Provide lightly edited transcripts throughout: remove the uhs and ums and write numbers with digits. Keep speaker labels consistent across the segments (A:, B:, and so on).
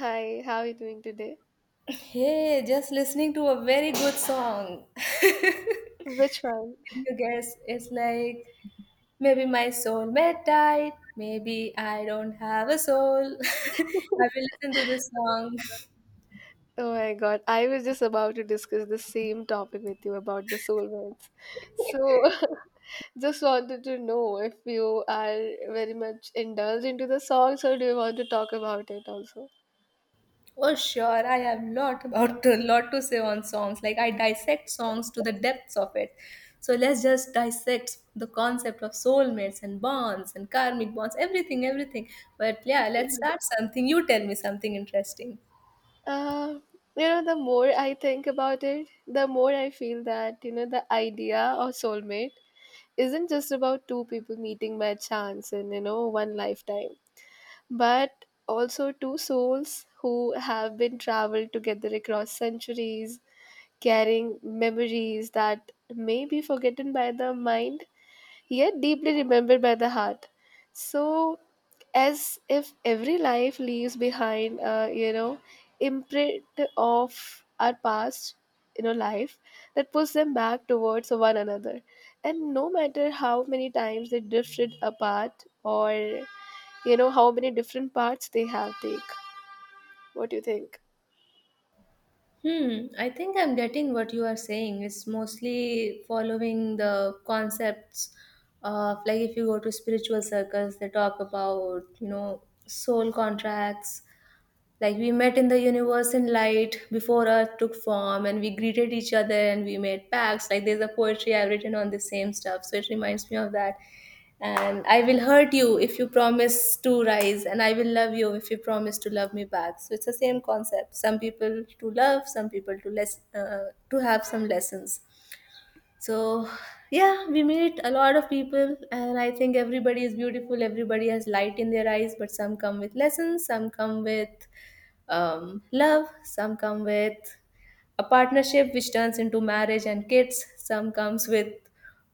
A: Hi, how are you doing today?
B: Hey, just listening to a very good song.
A: Which one?
B: Can you guess? It's like maybe my soulmate died. Maybe I don't have a soul. I will listen to this song.
A: Oh my God, I was just about to discuss the same topic with you about the soulmates. So, just wanted to know if you are very much indulged into the songs, or do you want to talk about it also?
B: Oh, sure, I have lot about a lot to say on songs. Like I dissect songs to the depths of it. So let's just dissect the concept of soulmates and bonds and karmic bonds, everything, everything. But yeah, let's start something. You tell me something interesting.
A: Uh, the more I think about it, the more I feel that the idea of soulmate isn't just about two people meeting by chance in one lifetime, but also two souls who have been traveled together across centuries, carrying memories that may be forgotten by the mind yet deeply remembered by the heart. So, as if every life leaves behind imprint of our past life that pulls them back towards one another. And no matter how many times they drifted apart, or how many different parts they have take. What do you think?
B: I think I'm getting what you are saying. It's mostly following the concepts of like if you go to spiritual circles, they talk about, you know, soul contracts like we met in the universe in light before Earth took form, and we greeted each other and we made pacts. Like there's a poetry I've written on the same stuff, so it reminds me of that. And I will hurt you if you promise to rise, and I will love you if you promise to love me back. So it's the same concept. Some people to love, some people to less to have some lessons. So yeah, we meet a lot of people, and I think everybody is beautiful. Everybody has light in their eyes, but some come with lessons, some come with love, some come with a partnership which turns into marriage and kids, some comes with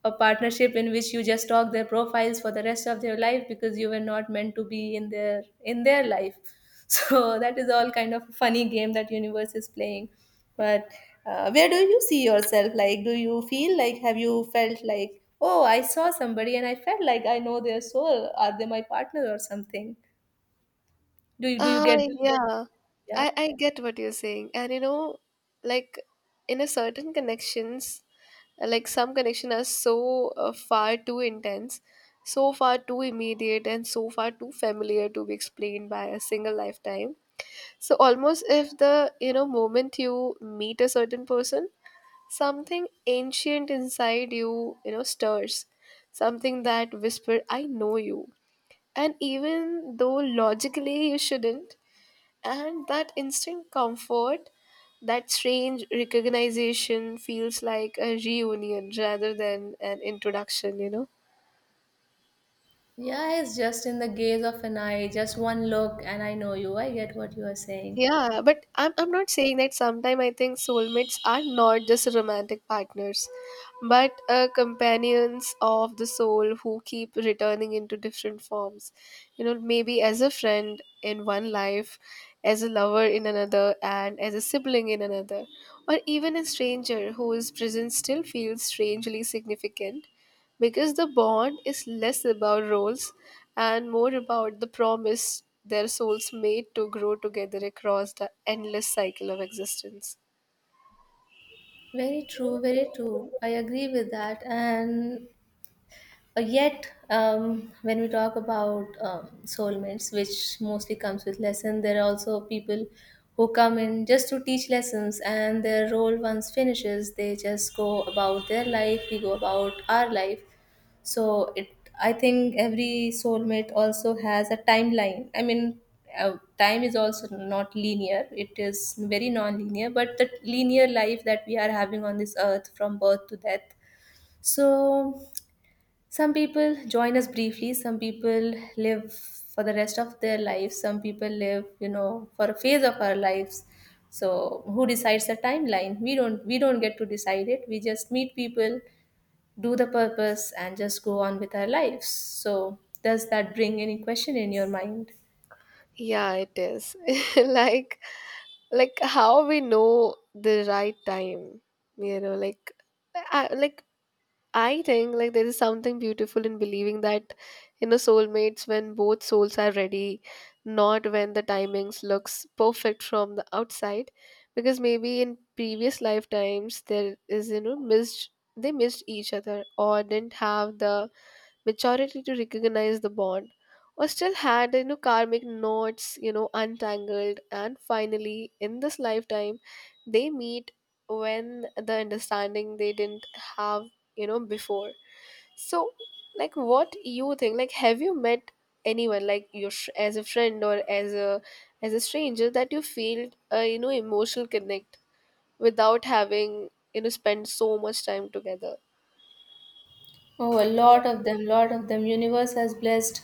B: a partnership in which you just stalk their profiles for the rest of their life because you were not meant to be in their life. So that is all kind of a funny game that universe is playing. But where do you see yourself? Like, do you feel like have you felt like, oh, I saw somebody and I felt like I know their soul. Are they my partner or something? Do you
A: Uh,
B: get?
A: yeah,
B: Yeah.
A: I get what you're saying. And like in a certain connections, like some connection are so far too intense, so far too immediate, and so far too familiar to be explained by a single lifetime. So almost if the moment you meet a certain person, something ancient inside you stirs. Something that whisper, I know you. And even though logically you shouldn't, and that instant comfort, that strange recognition feels like a reunion rather than an introduction.
B: Yeah, it's just in the gaze of an eye, just one look, and I know you. I get what you are saying.
A: Yeah, but I'm not saying that sometimes I think soulmates are not just romantic partners, but companions of the soul who keep returning into different forms. You know, maybe as a friend in one life, as a lover in another, and as a sibling in another, or even a stranger whose presence still feels strangely significant, because the bond is less about roles and more about the promise their souls made to grow together across the endless cycle of existence.
B: Very true, very true. I agree with that. And yet, when we talk about soulmates, which mostly comes with lesson, there are also people who come in just to teach lessons, and their role once finishes, they just go about their life. We go about our life. So it, I think, every soulmate also has a timeline. I mean, time is also not linear; it is very non-linear. But the linear life that we are having on this earth, from birth to death, so some people join us briefly, some people live for the rest of their lives, some people live, you know, for a phase of our lives. So who decides the timeline? We don't get to decide it. We just meet people, do the purpose and just go on with our lives. So does that bring any question in your mind?
A: Yeah, it is. like like how we know the right time, like I, like I think like there is something beautiful in believing that soulmates when both souls are ready, not when the timings looks perfect from the outside, because maybe in previous lifetimes there is you know missed they missed each other, or didn't have the maturity to recognize the bond, or still had karmic knots untangled, and finally in this lifetime they meet when the understanding they didn't have before. So, like what you think, like have you met anyone like as a friend or as a stranger that you feel emotional connect without having spend so much time together?
B: Oh, a lot of them, lot of them. Universe has blessed.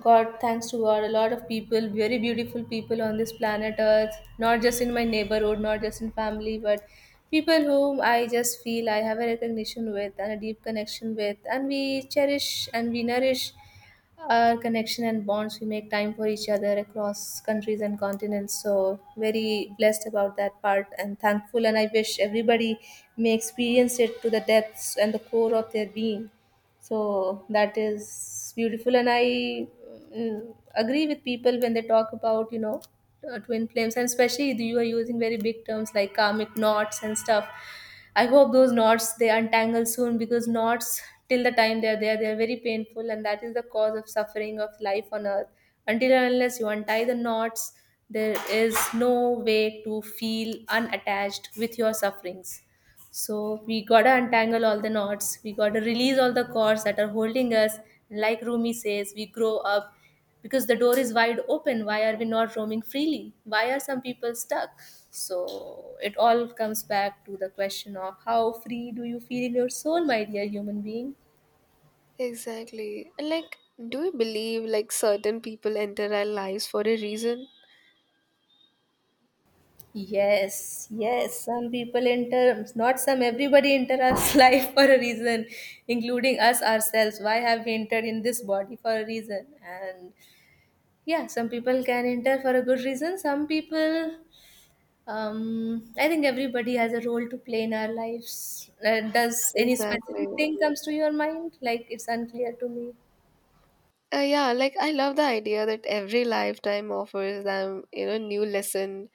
B: God, thanks to God, a lot of people, very beautiful people on this planet Earth. Not just in my neighborhood, not just in family, but people whom I just feel I have a recognition with and a deep connection with, and we cherish and we nourish our connection and bonds. We make time for each other across countries and continents. So very blessed about that part and thankful. And I wish everybody may experience it to the depths and the core of their being, so that is beautiful. And I agree with people when they talk about, you know, twin flames, and especially you are using very big terms like karmic knots and stuff. I hope those knots they untangle soon, because knots, till the time they are there, they are very painful, and that is the cause of suffering of life on earth. Until and unless you untie the knots, there is no way to feel unattached with your sufferings. So we gotta untangle all the knots, we gotta release all the cords that are holding us. Like Rumi says, we grow up because the door is wide open. Why are we not roaming freely? Why are some people stuck? So it all comes back to the question of how free do you feel in your soul, my dear human being?
A: Exactly, and like do you believe like certain people enter our lives for a reason?
B: Yes, yes, some people enter, not some, everybody enter our life for a reason, including us ourselves. Why have we entered in this body for a reason? And yeah, some people can enter for a good reason. Some people, I think everybody has a role to play in our lives. Does any
A: Exactly.
B: specific thing comes to your mind? Like it's unclear to me.
A: Yeah, like I love the idea that every lifetime offers them new lesson,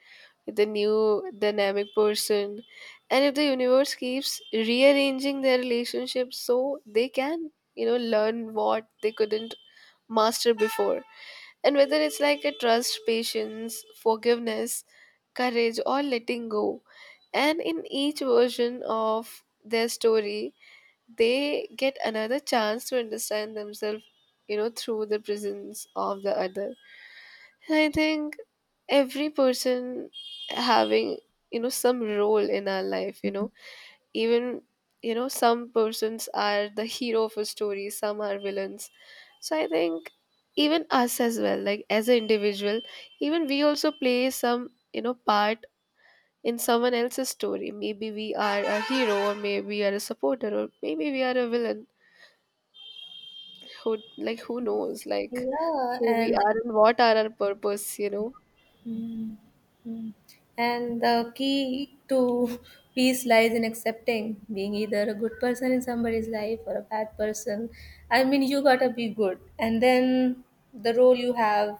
A: the new dynamic person. And if the universe keeps rearranging their relationships so they can learn what they couldn't master before. And whether it's like a trust, patience, forgiveness, courage, or letting go. And in each version of their story, they get another chance to understand themselves through the presence of the other. And I think every person having some role in our life even some persons are the hero of a story, some are villains. So I think even us as well, like as an individual, even we also play some part in someone else's story. Maybe we are a hero, or maybe we are a supporter, or maybe we are a villain who, like, who knows, like
B: Yeah,
A: who we
B: and the
A: are and what are our purpose.
B: Mm, mm. And the key to peace lies in accepting being either a good person in somebody's life or a bad person. I mean, you gotta be good, and then the role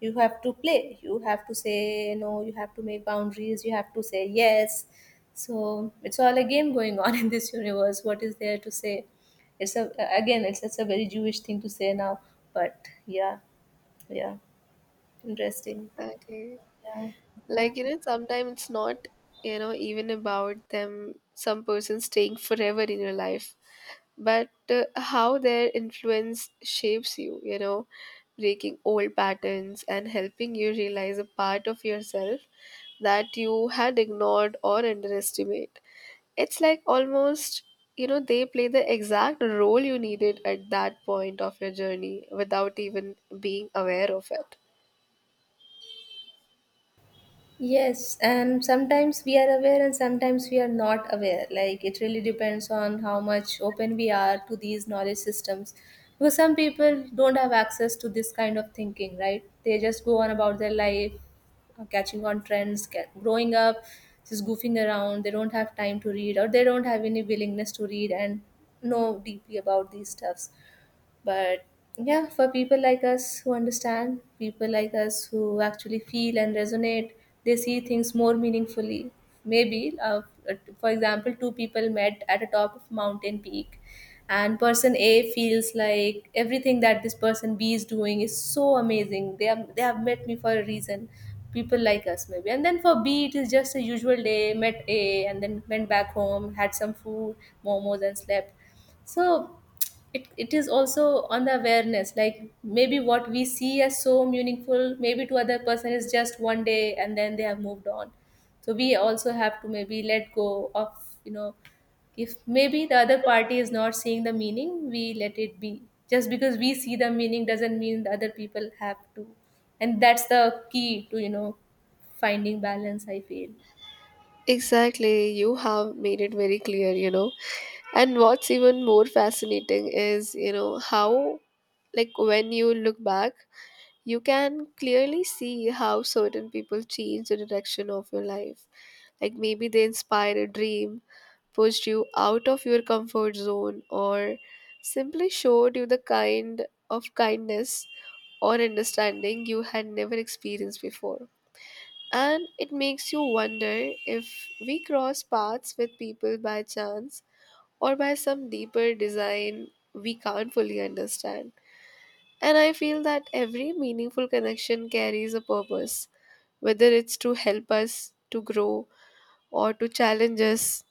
B: you have to play. You have to say no. You have to make boundaries. You have to say yes. So it's all a game going on in this universe. What is there to say? It's a again, it's a very Jewish thing to say now, but yeah, yeah, interesting.
A: Exactly,
B: Yeah. Yeah.
A: like sometimes it's not even about them some person staying forever in your life, but how their influence shapes you you know breaking old patterns and helping you realize a part of yourself that you had ignored or underestimated. It's like almost they play the exact role you needed at that point of your journey without even being aware of it.
B: Yes, and sometimes we are aware and sometimes we are not aware. Like it really depends on how much open we are to these knowledge systems. Because some people don't have access to this kind of thinking, right? They just go on about their life, catching on trends, growing up, just goofing around. They don't have time to read or they don't have any willingness to read and know deeply about these stuffs. But yeah, for people like us who understand, people like us who actually feel and resonate, they see things more meaningfully. Maybe, for example, two people met at the top of mountain peak, and person A feels like everything that this person B is doing is so amazing. They have met me for a reason. People like us maybe, and then for B it is just a usual day. Met A and then went back home, had some food, momos, and slept. So it is also on the awareness, like maybe what we see as so meaningful maybe to other person is just one day and then they have moved on. So we also have to maybe let go of, you know, if maybe the other party is not seeing the meaning, we let it be. Just because we see the meaning doesn't mean the other people have to, and that's the key to, you know, finding balance, I feel.
A: Exactly, you have made it very clear. And what's even more fascinating is how, like, when you look back, you can clearly see how certain people change the direction of your life. Like, maybe they inspired a dream, pushed you out of your comfort zone, or simply showed you the kind of kindness or understanding you had never experienced before. And it makes you wonder if we cross paths with people by chance or by some deeper design we can't fully understand. And I feel that every meaningful connection carries a purpose, whether it's to help us to grow, or to challenge us,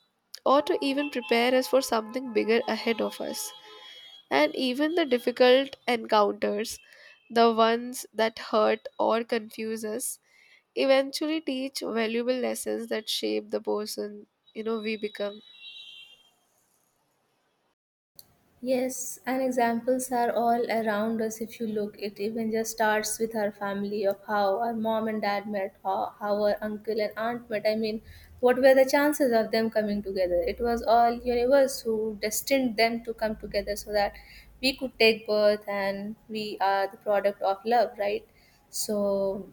A: or to even prepare us for something bigger ahead of us. And even the difficult encounters, the ones that hurt or confuse us, eventually teach valuable lessons that shape the person we become.
B: Yes, and examples are all around us if you look. It even just starts with our family of how our mom and dad met, how our uncle and aunt met. I mean, what were the chances of them coming together? It was all universe who destined them to come together so that we could take birth and we are the product of love, right? So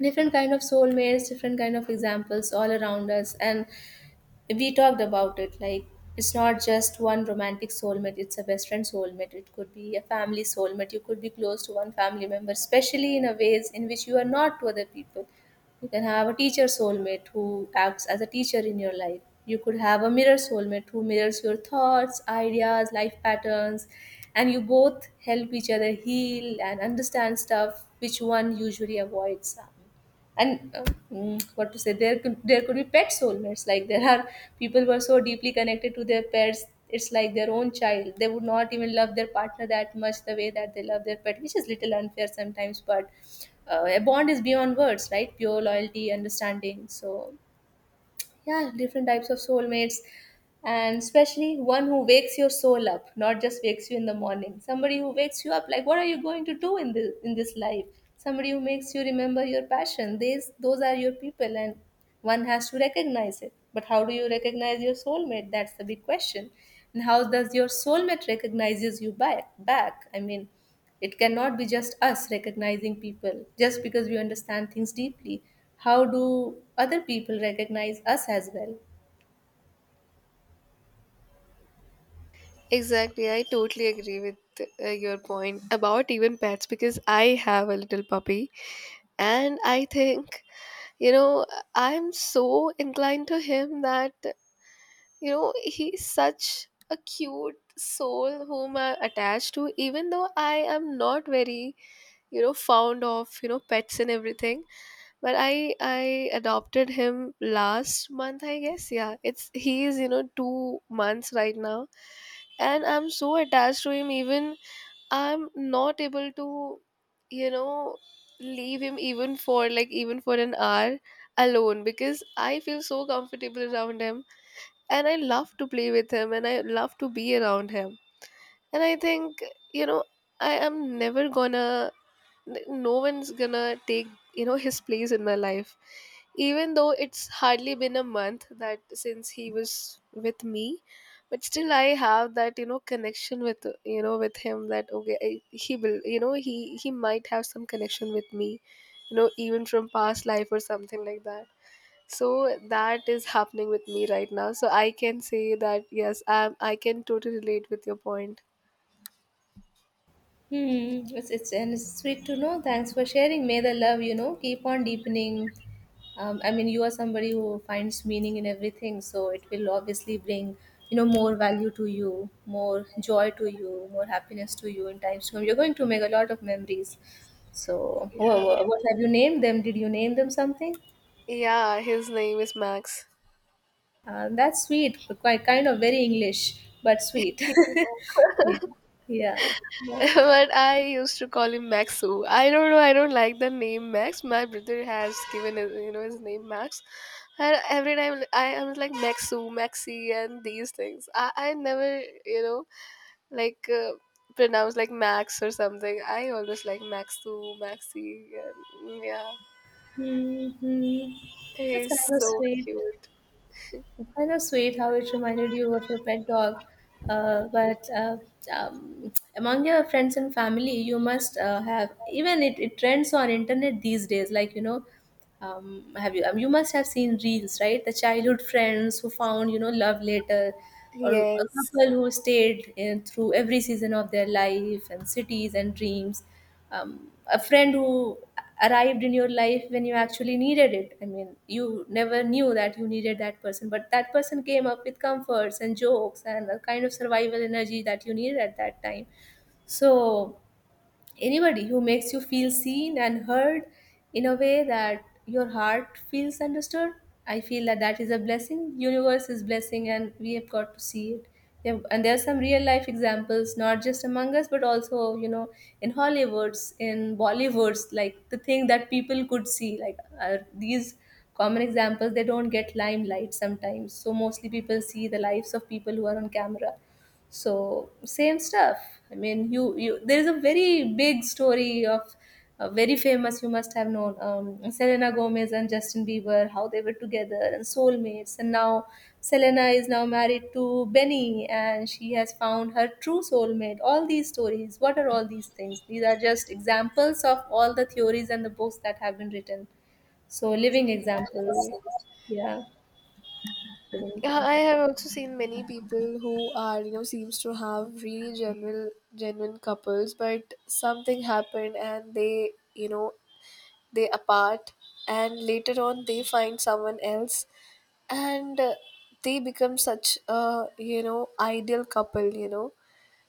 B: different kind of soulmates, different kind of examples all around us, and we talked about it. Like it's not just one romantic soulmate, it's a best friend soulmate. It could be a family soulmate. You could be close to one family member, especially in a ways in which you are not to other people. You can have a teacher soulmate who acts as a teacher in your life. You could have a mirror soulmate who mirrors your thoughts, ideas, life patterns, and you both help each other heal and understand stuff which one usually avoids. And what to say, there could be pet soulmates. Like there are people who are so deeply connected to their pets, it's like their own child. They would not even love their partner that much the way that they love their pet, which is little unfair sometimes. But a bond is beyond words, right? Pure loyalty, understanding. So yeah, different types of soulmates, and especially one who wakes your soul up, not just wakes you in the morning. Somebody who wakes you up, like, what are you going to do in this life? Somebody who makes you remember your passion, these, those are your people. And one has to recognize it, but how do you recognize your soulmate? That's the big question. And how does your soulmate recognizes you back, I mean, it cannot be just us recognizing people just because we understand things deeply. How do other people recognize us as well?
A: Exactly, I totally agree with your point about even pets, because I have a little puppy, and I think you know I'm so inclined to him that he's such a cute soul whom I'm attached to, even though I am not very fond of pets and everything. But I adopted him last month, I guess. Yeah, it's he is 2 months right now, and I'm so attached to him. Even I'm not able to you know leave him even for, like, even for an hour alone, because I feel so comfortable around him, and I love to play with him, and I love to be around him. And I think, you know, I am never gonna, like, no one's gonna take his place in my life. Even though it's hardly been a month that since he was with me, but still I have that connection with him, that, okay, he will, he might have some connection with me even from past life or something like that. So that is happening with me right now. So I can say that, yes, I can totally relate with your point.
B: It's and it's sweet to know. Thanks for sharing. May the love, you know, keep on deepening. I mean, you are somebody who finds meaning in everything, so it will obviously bring, you know, more value to you, more joy to you, more happiness to you in times to come. You're going to make a lot of memories. So,
A: Yeah.
B: what have you named them? Did you name them something?
A: Yeah, his name is Max.
B: That's sweet, quite kind of very English, but sweet. Yeah, yeah, yeah.
A: But I used to call him Maxu. I don't know, I don't like the name Max. My brother has given his his name Max. And every time I was like Maxu, Maxi and these things. I neverlike uh, pronounce like Max or something. I always like Maxu, Maxi and yeah.
B: Mhm. That's
A: He's
B: kind of
A: so
B: sweet.
A: cute.
B: Kind of sweet, how it reminded you of your pet dog. But Among your friends and family, you must have even it trends on internet these days. Like have you you must have seen reels, right? The childhood friends who found, you know, love later, or a
A: Yes.
B: couple who stayed in, through every season of their life and cities and dreams, a friend who arrived in your life when you actually needed it. I mean, you never knew that you needed that person, but that person came up with comforts and jokes and the kind of survival energy that you needed at that time. So, anybody who makes you feel seen and heard in a way that your heart feels understood. I feel that that is a blessing. Universe is blessing, and we have got to see it. And there are some real life examples, not just among us, but also, you know, in Hollywoods, in Bollywoods, like the thing that people could see, like are these common examples. They don't get limelight sometimes, so mostly people see the lives of people who are on camera, so same stuff. I mean, you there is a very big story of very famous. You must have known Selena Gomez and Justin Bieber, how they were together and soulmates, and now Selena is now married to Benny, and she has found her true soulmate. All these stories. What are all these things? These are just examples of all the theories and the books that have been written. So living examples.
A: Yeah,
B: Yeah, living
A: I
B: examples.
A: have also seen many people who are seems to have really genuine, genuine couples, but something happened and they apart, and later on they find someone else, and they become such a ideal couple. You know,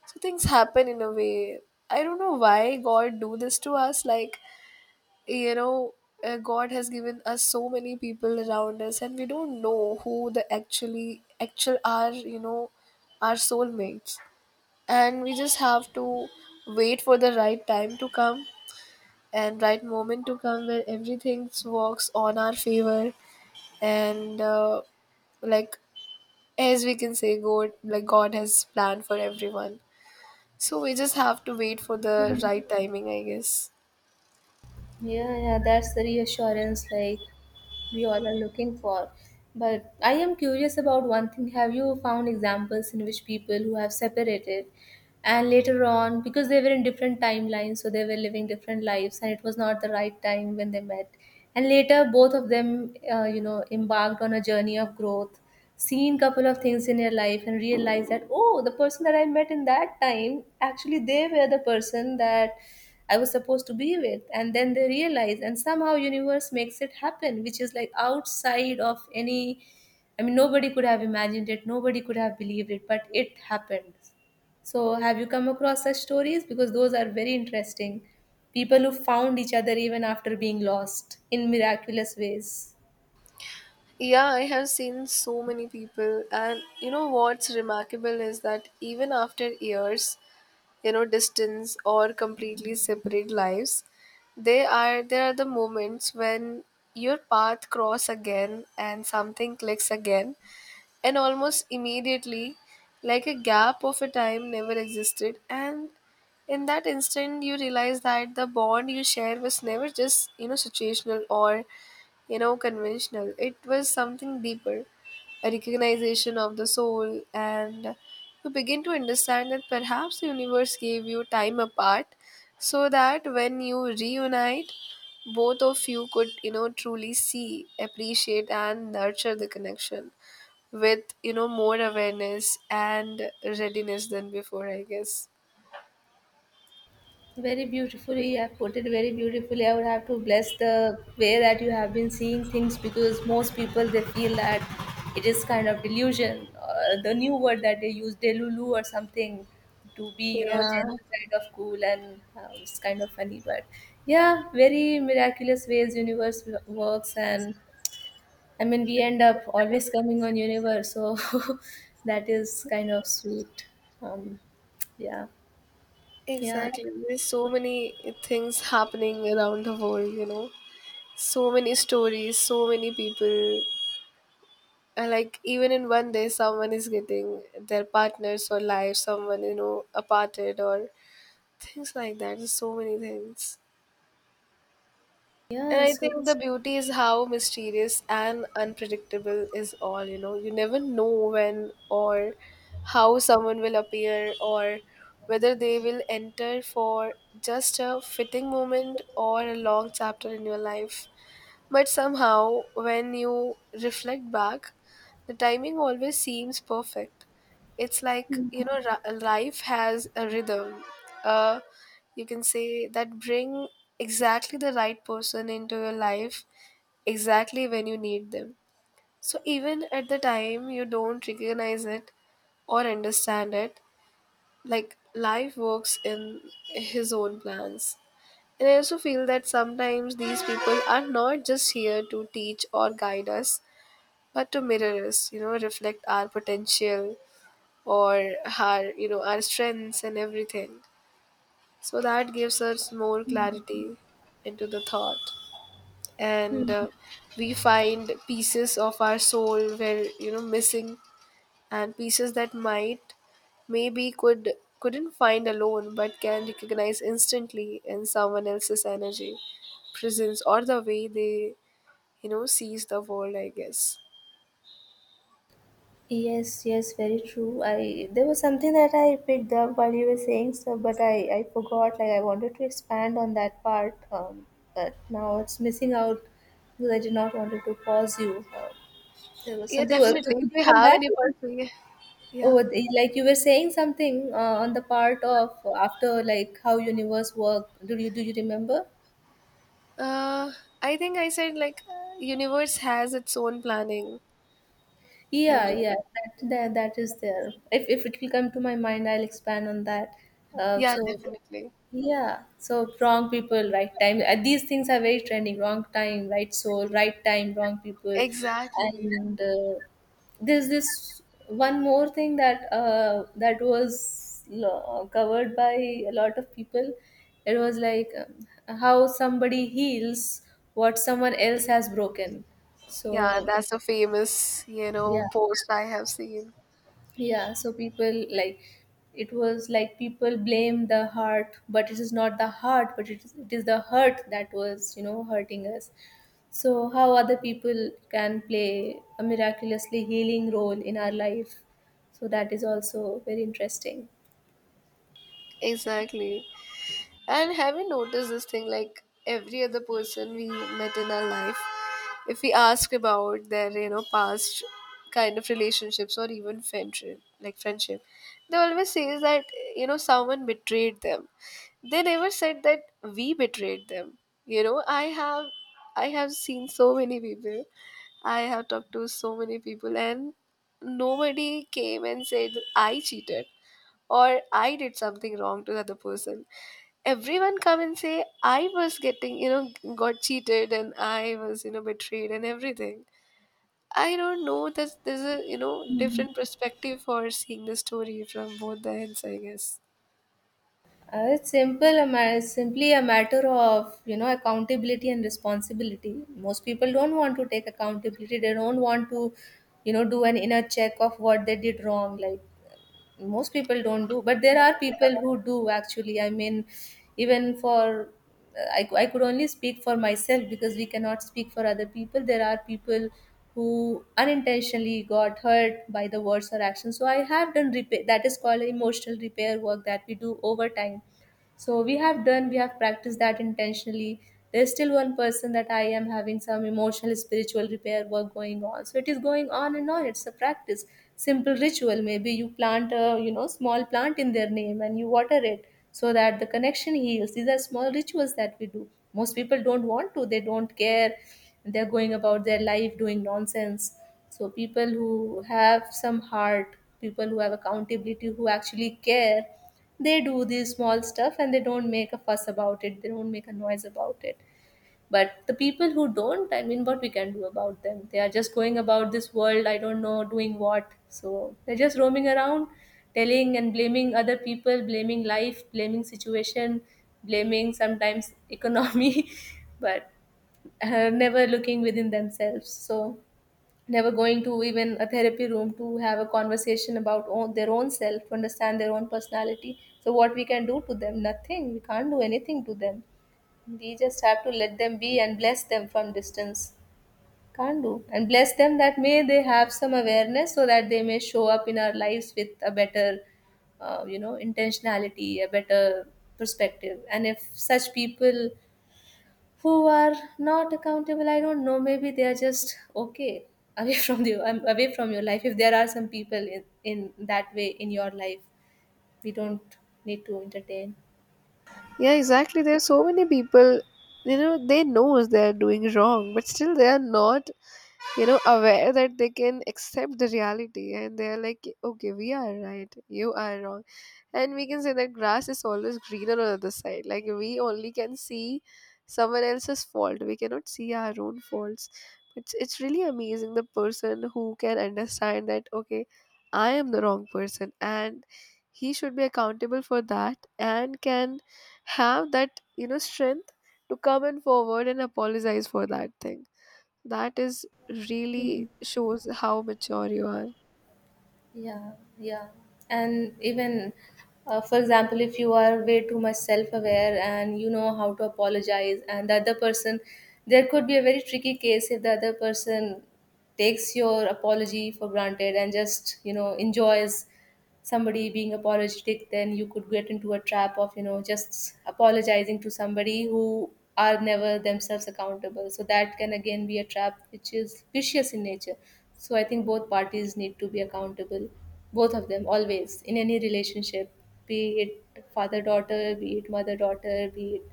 A: so things happen in a way. I don't know why God do this to us. Like you know God has given us so many people around us, and we don't know who the actual are, our soulmates, and we just have to wait for the right time to come and right moment to come where everything works on our favor. And like, as we can say, God has planned for everyone, so we just have to wait for the right timing, I guess.
B: Yeah, yeah, that's the reassurance like we all are looking for. But I am curious about one thing. Have you found examples in which people who have separated and later on, because they were in different timelines, so they were living different lives, and it was not the right time when they met, and later both of them, you know, embarked on a journey of growth, seen couple of things in your life, and realized that oh, the person that I met in that time, actually they were the person that I was supposed to be with. And then they realize and somehow universe makes it happen, which is like outside of any, I mean, nobody could have imagined it, nobody could have believed it, but it happened. So, have you come across such stories? Because those are very interesting. People who found each other even after being lost in miraculous ways.
A: Yeah, I have seen so many people, and you know what's remarkable is that even after years distance or completely separate lives, they are there are the moments when your path cross again, and something clicks again, and almost immediately, like a gap of a time never existed. And in that instant, you realize that the bond you shared was never just situational or conventional. It was something deeper, a recognition of the soul. And you begin to understand that perhaps the universe gave you time apart so that when you reunite, both of you could truly see, appreciate, and nurture the connection with more awareness and readiness than before, I guess.
B: Very beautifully, you have put it very beautifully. I would have to bless the way that you have been seeing things because most people they feel that it is kind of delusion. The new word that they use, delulu or something, to be, you know,
A: Yeah,
B: gen kind of cool and it's kind of funny. But yeah, very miraculous ways universe works, and I mean we end up always coming on universe, so that is kind of sweet. Um, yeah, yeah,
A: exactly, there's so many things happening around the world. So many stories, so many people, and like even in one day someone is getting their partners for life, someone aparted, or things like that, there's so many things. And
B: yeah.
A: I
B: So.
A: think the beauty is how mysterious and unpredictable is all. You never know when or how someone will appear, or whether they will enter for just a fitting moment or a long chapter in your life. But somehow, when you reflect back, the timing always seems perfect. It's like, life has a rhythm. Uh, you can say that bring exactly the right person into your life exactly when you need them. So even at the time you don't recognize it or understand it, like life works in his own plans. And I also feel that sometimes these people are not just here to teach or guide us, but to mirror us, you know, reflect our potential or our, you know, our strengths and everything. So that gives us more clarity into the thought. And
B: Hmm.
A: we find pieces of our soul where, you know, missing and pieces that might maybe couldn't find alone but can recognize instantly in someone else's energy, presence, or the way they, you know, sees the world, I guess.
B: Yes, yes, very true. I there was something that I picked up while you were saying so, but I forgot. Like I wanted to expand on that part, but now it's missing out because I did not wanted to pause you. There was
A: Yeah,
B: something.
A: definitely,
B: Could
A: if
B: could
A: we
B: you come
A: have
B: back?
A: any person. Yeah.
B: Oh, like you were saying something on the part of after, like how universe work. Do you remember?
A: uh I think I said like universe has its own planning, I
B: Yeah,
A: guess.
B: yeah, that is there. If it will come to my mind, I'll expand on that.
A: Yeah,
B: So
A: definitely.
B: yeah, so wrong people, right time. These things are very trending. Wrong time, right soul, right time, wrong people,
A: Exactly.
B: and there's this one more thing that that was covered by a lot of people. It was like how somebody heals what someone else has broken.
A: Yeah,
B: So
A: that's a famous, you know,
B: yeah,
A: post I have seen.
B: yeah, so people like it was like people blame the heart, but it is not the heart, but it is the hurt that was, you know, hurting us. So how other people can play a miraculously healing role in our life, so that is also very interesting.
A: Exactly. And have you noticed this thing? Like every other person we met in our life, if we ask about their, you know, past kind of relationships or even friendship, like friendship, they always say that, you know, someone betrayed them. They never said that we betrayed them. You know, I have seen so many people. I have talked to so many people, and nobody came and said I cheated or I did something wrong to the other person. Everyone come and say I was getting, you know, got cheated and I was, you know, betrayed and everything. I don't know that there's a, you know, different perspective for seeing the story from both the ends, I guess.
B: It's simply a matter of, you know, accountability and responsibility. Most people don't want to take accountability, they don't want to, you know, do an inner check of what they did wrong. Like most people don't, do but there are people who do actually. I mean, even for I could only speak for myself because we cannot speak for other people. There are people who unintentionally got hurt by the words or actions, so I have done repair that is called emotional repair work that we do over time. So we have done, we have practiced that intentionally. There's still one person that I am having some emotional spiritual repair work going on, so it is going on and on. It's a practice, simple ritual. Maybe you plant a, you know, small plant in their name and you water it, so that the connection heals. These are small rituals that we do. Most people don't want to, they don't care. They're going about their life doing nonsense. So people who have some heart, people who have accountability, who actually care, they do these small stuff and they don't make a fuss about it. They don't make a noise about it. But the people who don't, I mean, what we can do about them? They are just going about this world, I don't know, doing what. So they're just roaming around, telling and blaming other people, blaming life, blaming situation, blaming sometimes economy, but never looking within themselves. So never going to even a therapy room to have a conversation about own, their own self to understand their own personality. So what we can do to them? Nothing. We can't do anything to them. We just have to let them be and bless them from distance. Can't do, and bless them that may they have some awareness so that they may show up in our lives with a better you know, intentionality, a better perspective. And if such people who are not accountable, I don't know, maybe they are just okay away from you, I away from your life. If there are some people in that way in your life, we don't need to entertain.
A: Yeah, exactly. There are so many people, you know, they knows they are doing wrong, but still they are not, you know, aware that they can accept the reality and they are like, okay, we are right, you are wrong. And we can say that grass is always greener on the other side, like we only can see someone else's fault, we cannot see our own faults. It's really amazing, the person who can understand that, okay, I am the wrong person and he should be accountable for that and can have that, you know, strength to come and forward and apologize for that thing, that is really shows how mature you are.
B: Yeah, yeah, and even for example, if you are way too much self-aware and you know how to apologize, and the other person, there could be a very tricky case if the other person takes your apology for granted and just, you know, enjoys somebody being apologetic, then you could get into a trap of, you know, just apologizing to somebody who are never themselves accountable. So that can again be a trap which is vicious in nature. So I think both parties need to be accountable, both of them, always, in any relationship, be it father daughter, be it mother daughter, be it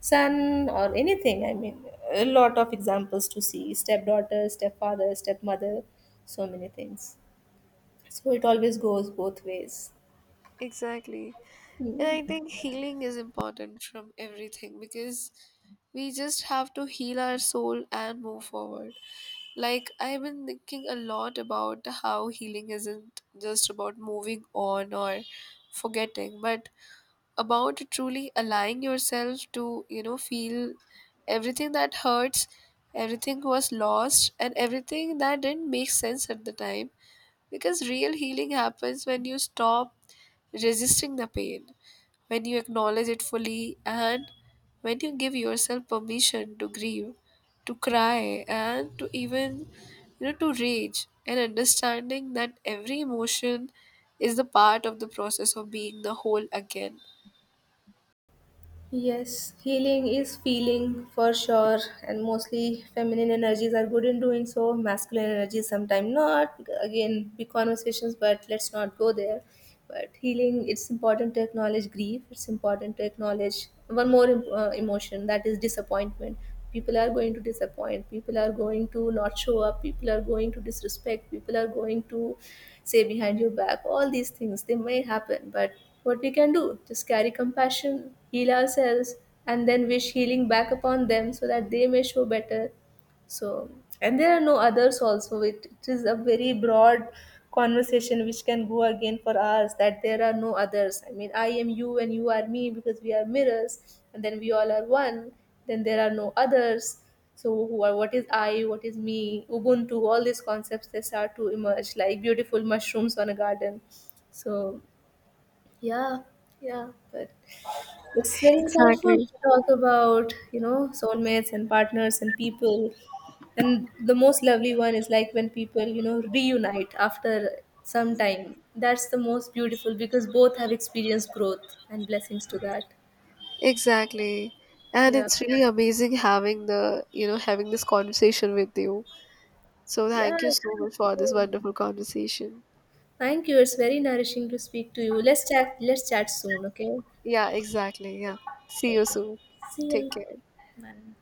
B: son or anything. I mean, a lot of examples to see stepdaughter, stepfather, stepmother, so many things. So it always goes both ways.
A: Exactly. And I think healing is important from everything because we just have to heal our soul and move forward. Like, I've been thinking a lot about how healing isn't just about moving on or forgetting, but about truly allowing yourself to, you know, feel everything that hurts, everything was lost, and everything that didn't make sense at the time, because real healing happens when you stop resisting the pain, when you acknowledge it fully, and when you give yourself permission to grieve, to cry, and to even, you know, to rage, and understanding that every emotion is the part of the process of being the whole again.
B: Yes, healing is feeling for sure, and mostly feminine energies are good in doing so. Masculine energies sometimes not. Again, big conversations, but let's not go there. But healing, it's important to acknowledge grief. It's important to acknowledge one more emotion that is disappointment. People are going to disappoint, people are going to not show up, people are going to disrespect, people are going to say behind your back. All these things they may happen, but what we can do? Just carry compassion, heal ourselves, and then wish healing back upon them so that they may show better. So, and there are no others also. It is a very broad conversation which can go again for hours that there are no others. I mean, I am you and you are me because we are mirrors, and then we all are one. Then there are no others. So, who are, what is I, what is me, Ubuntu, all these concepts they start to emerge like beautiful mushrooms on a garden. So, yeah, yeah, but it's very insightful
A: Exactly.
B: to talk about, you know, soulmates and partners and people. And the most lovely one is like when people, you know, reunite after some time. That's the most beautiful because both have experienced growth and blessings to that.
A: Exactly. And
B: Yeah,
A: it's really amazing having the, you know, having this conversation with you. So
B: yeah.
A: thank you so much for this wonderful conversation.
B: Thank you. It's very nourishing to speak to you. Let's chat soon, okay?
A: Yeah, exactly. Yeah. See you
B: Okay.
A: soon.
B: See ya.
A: Take care.
B: Bye.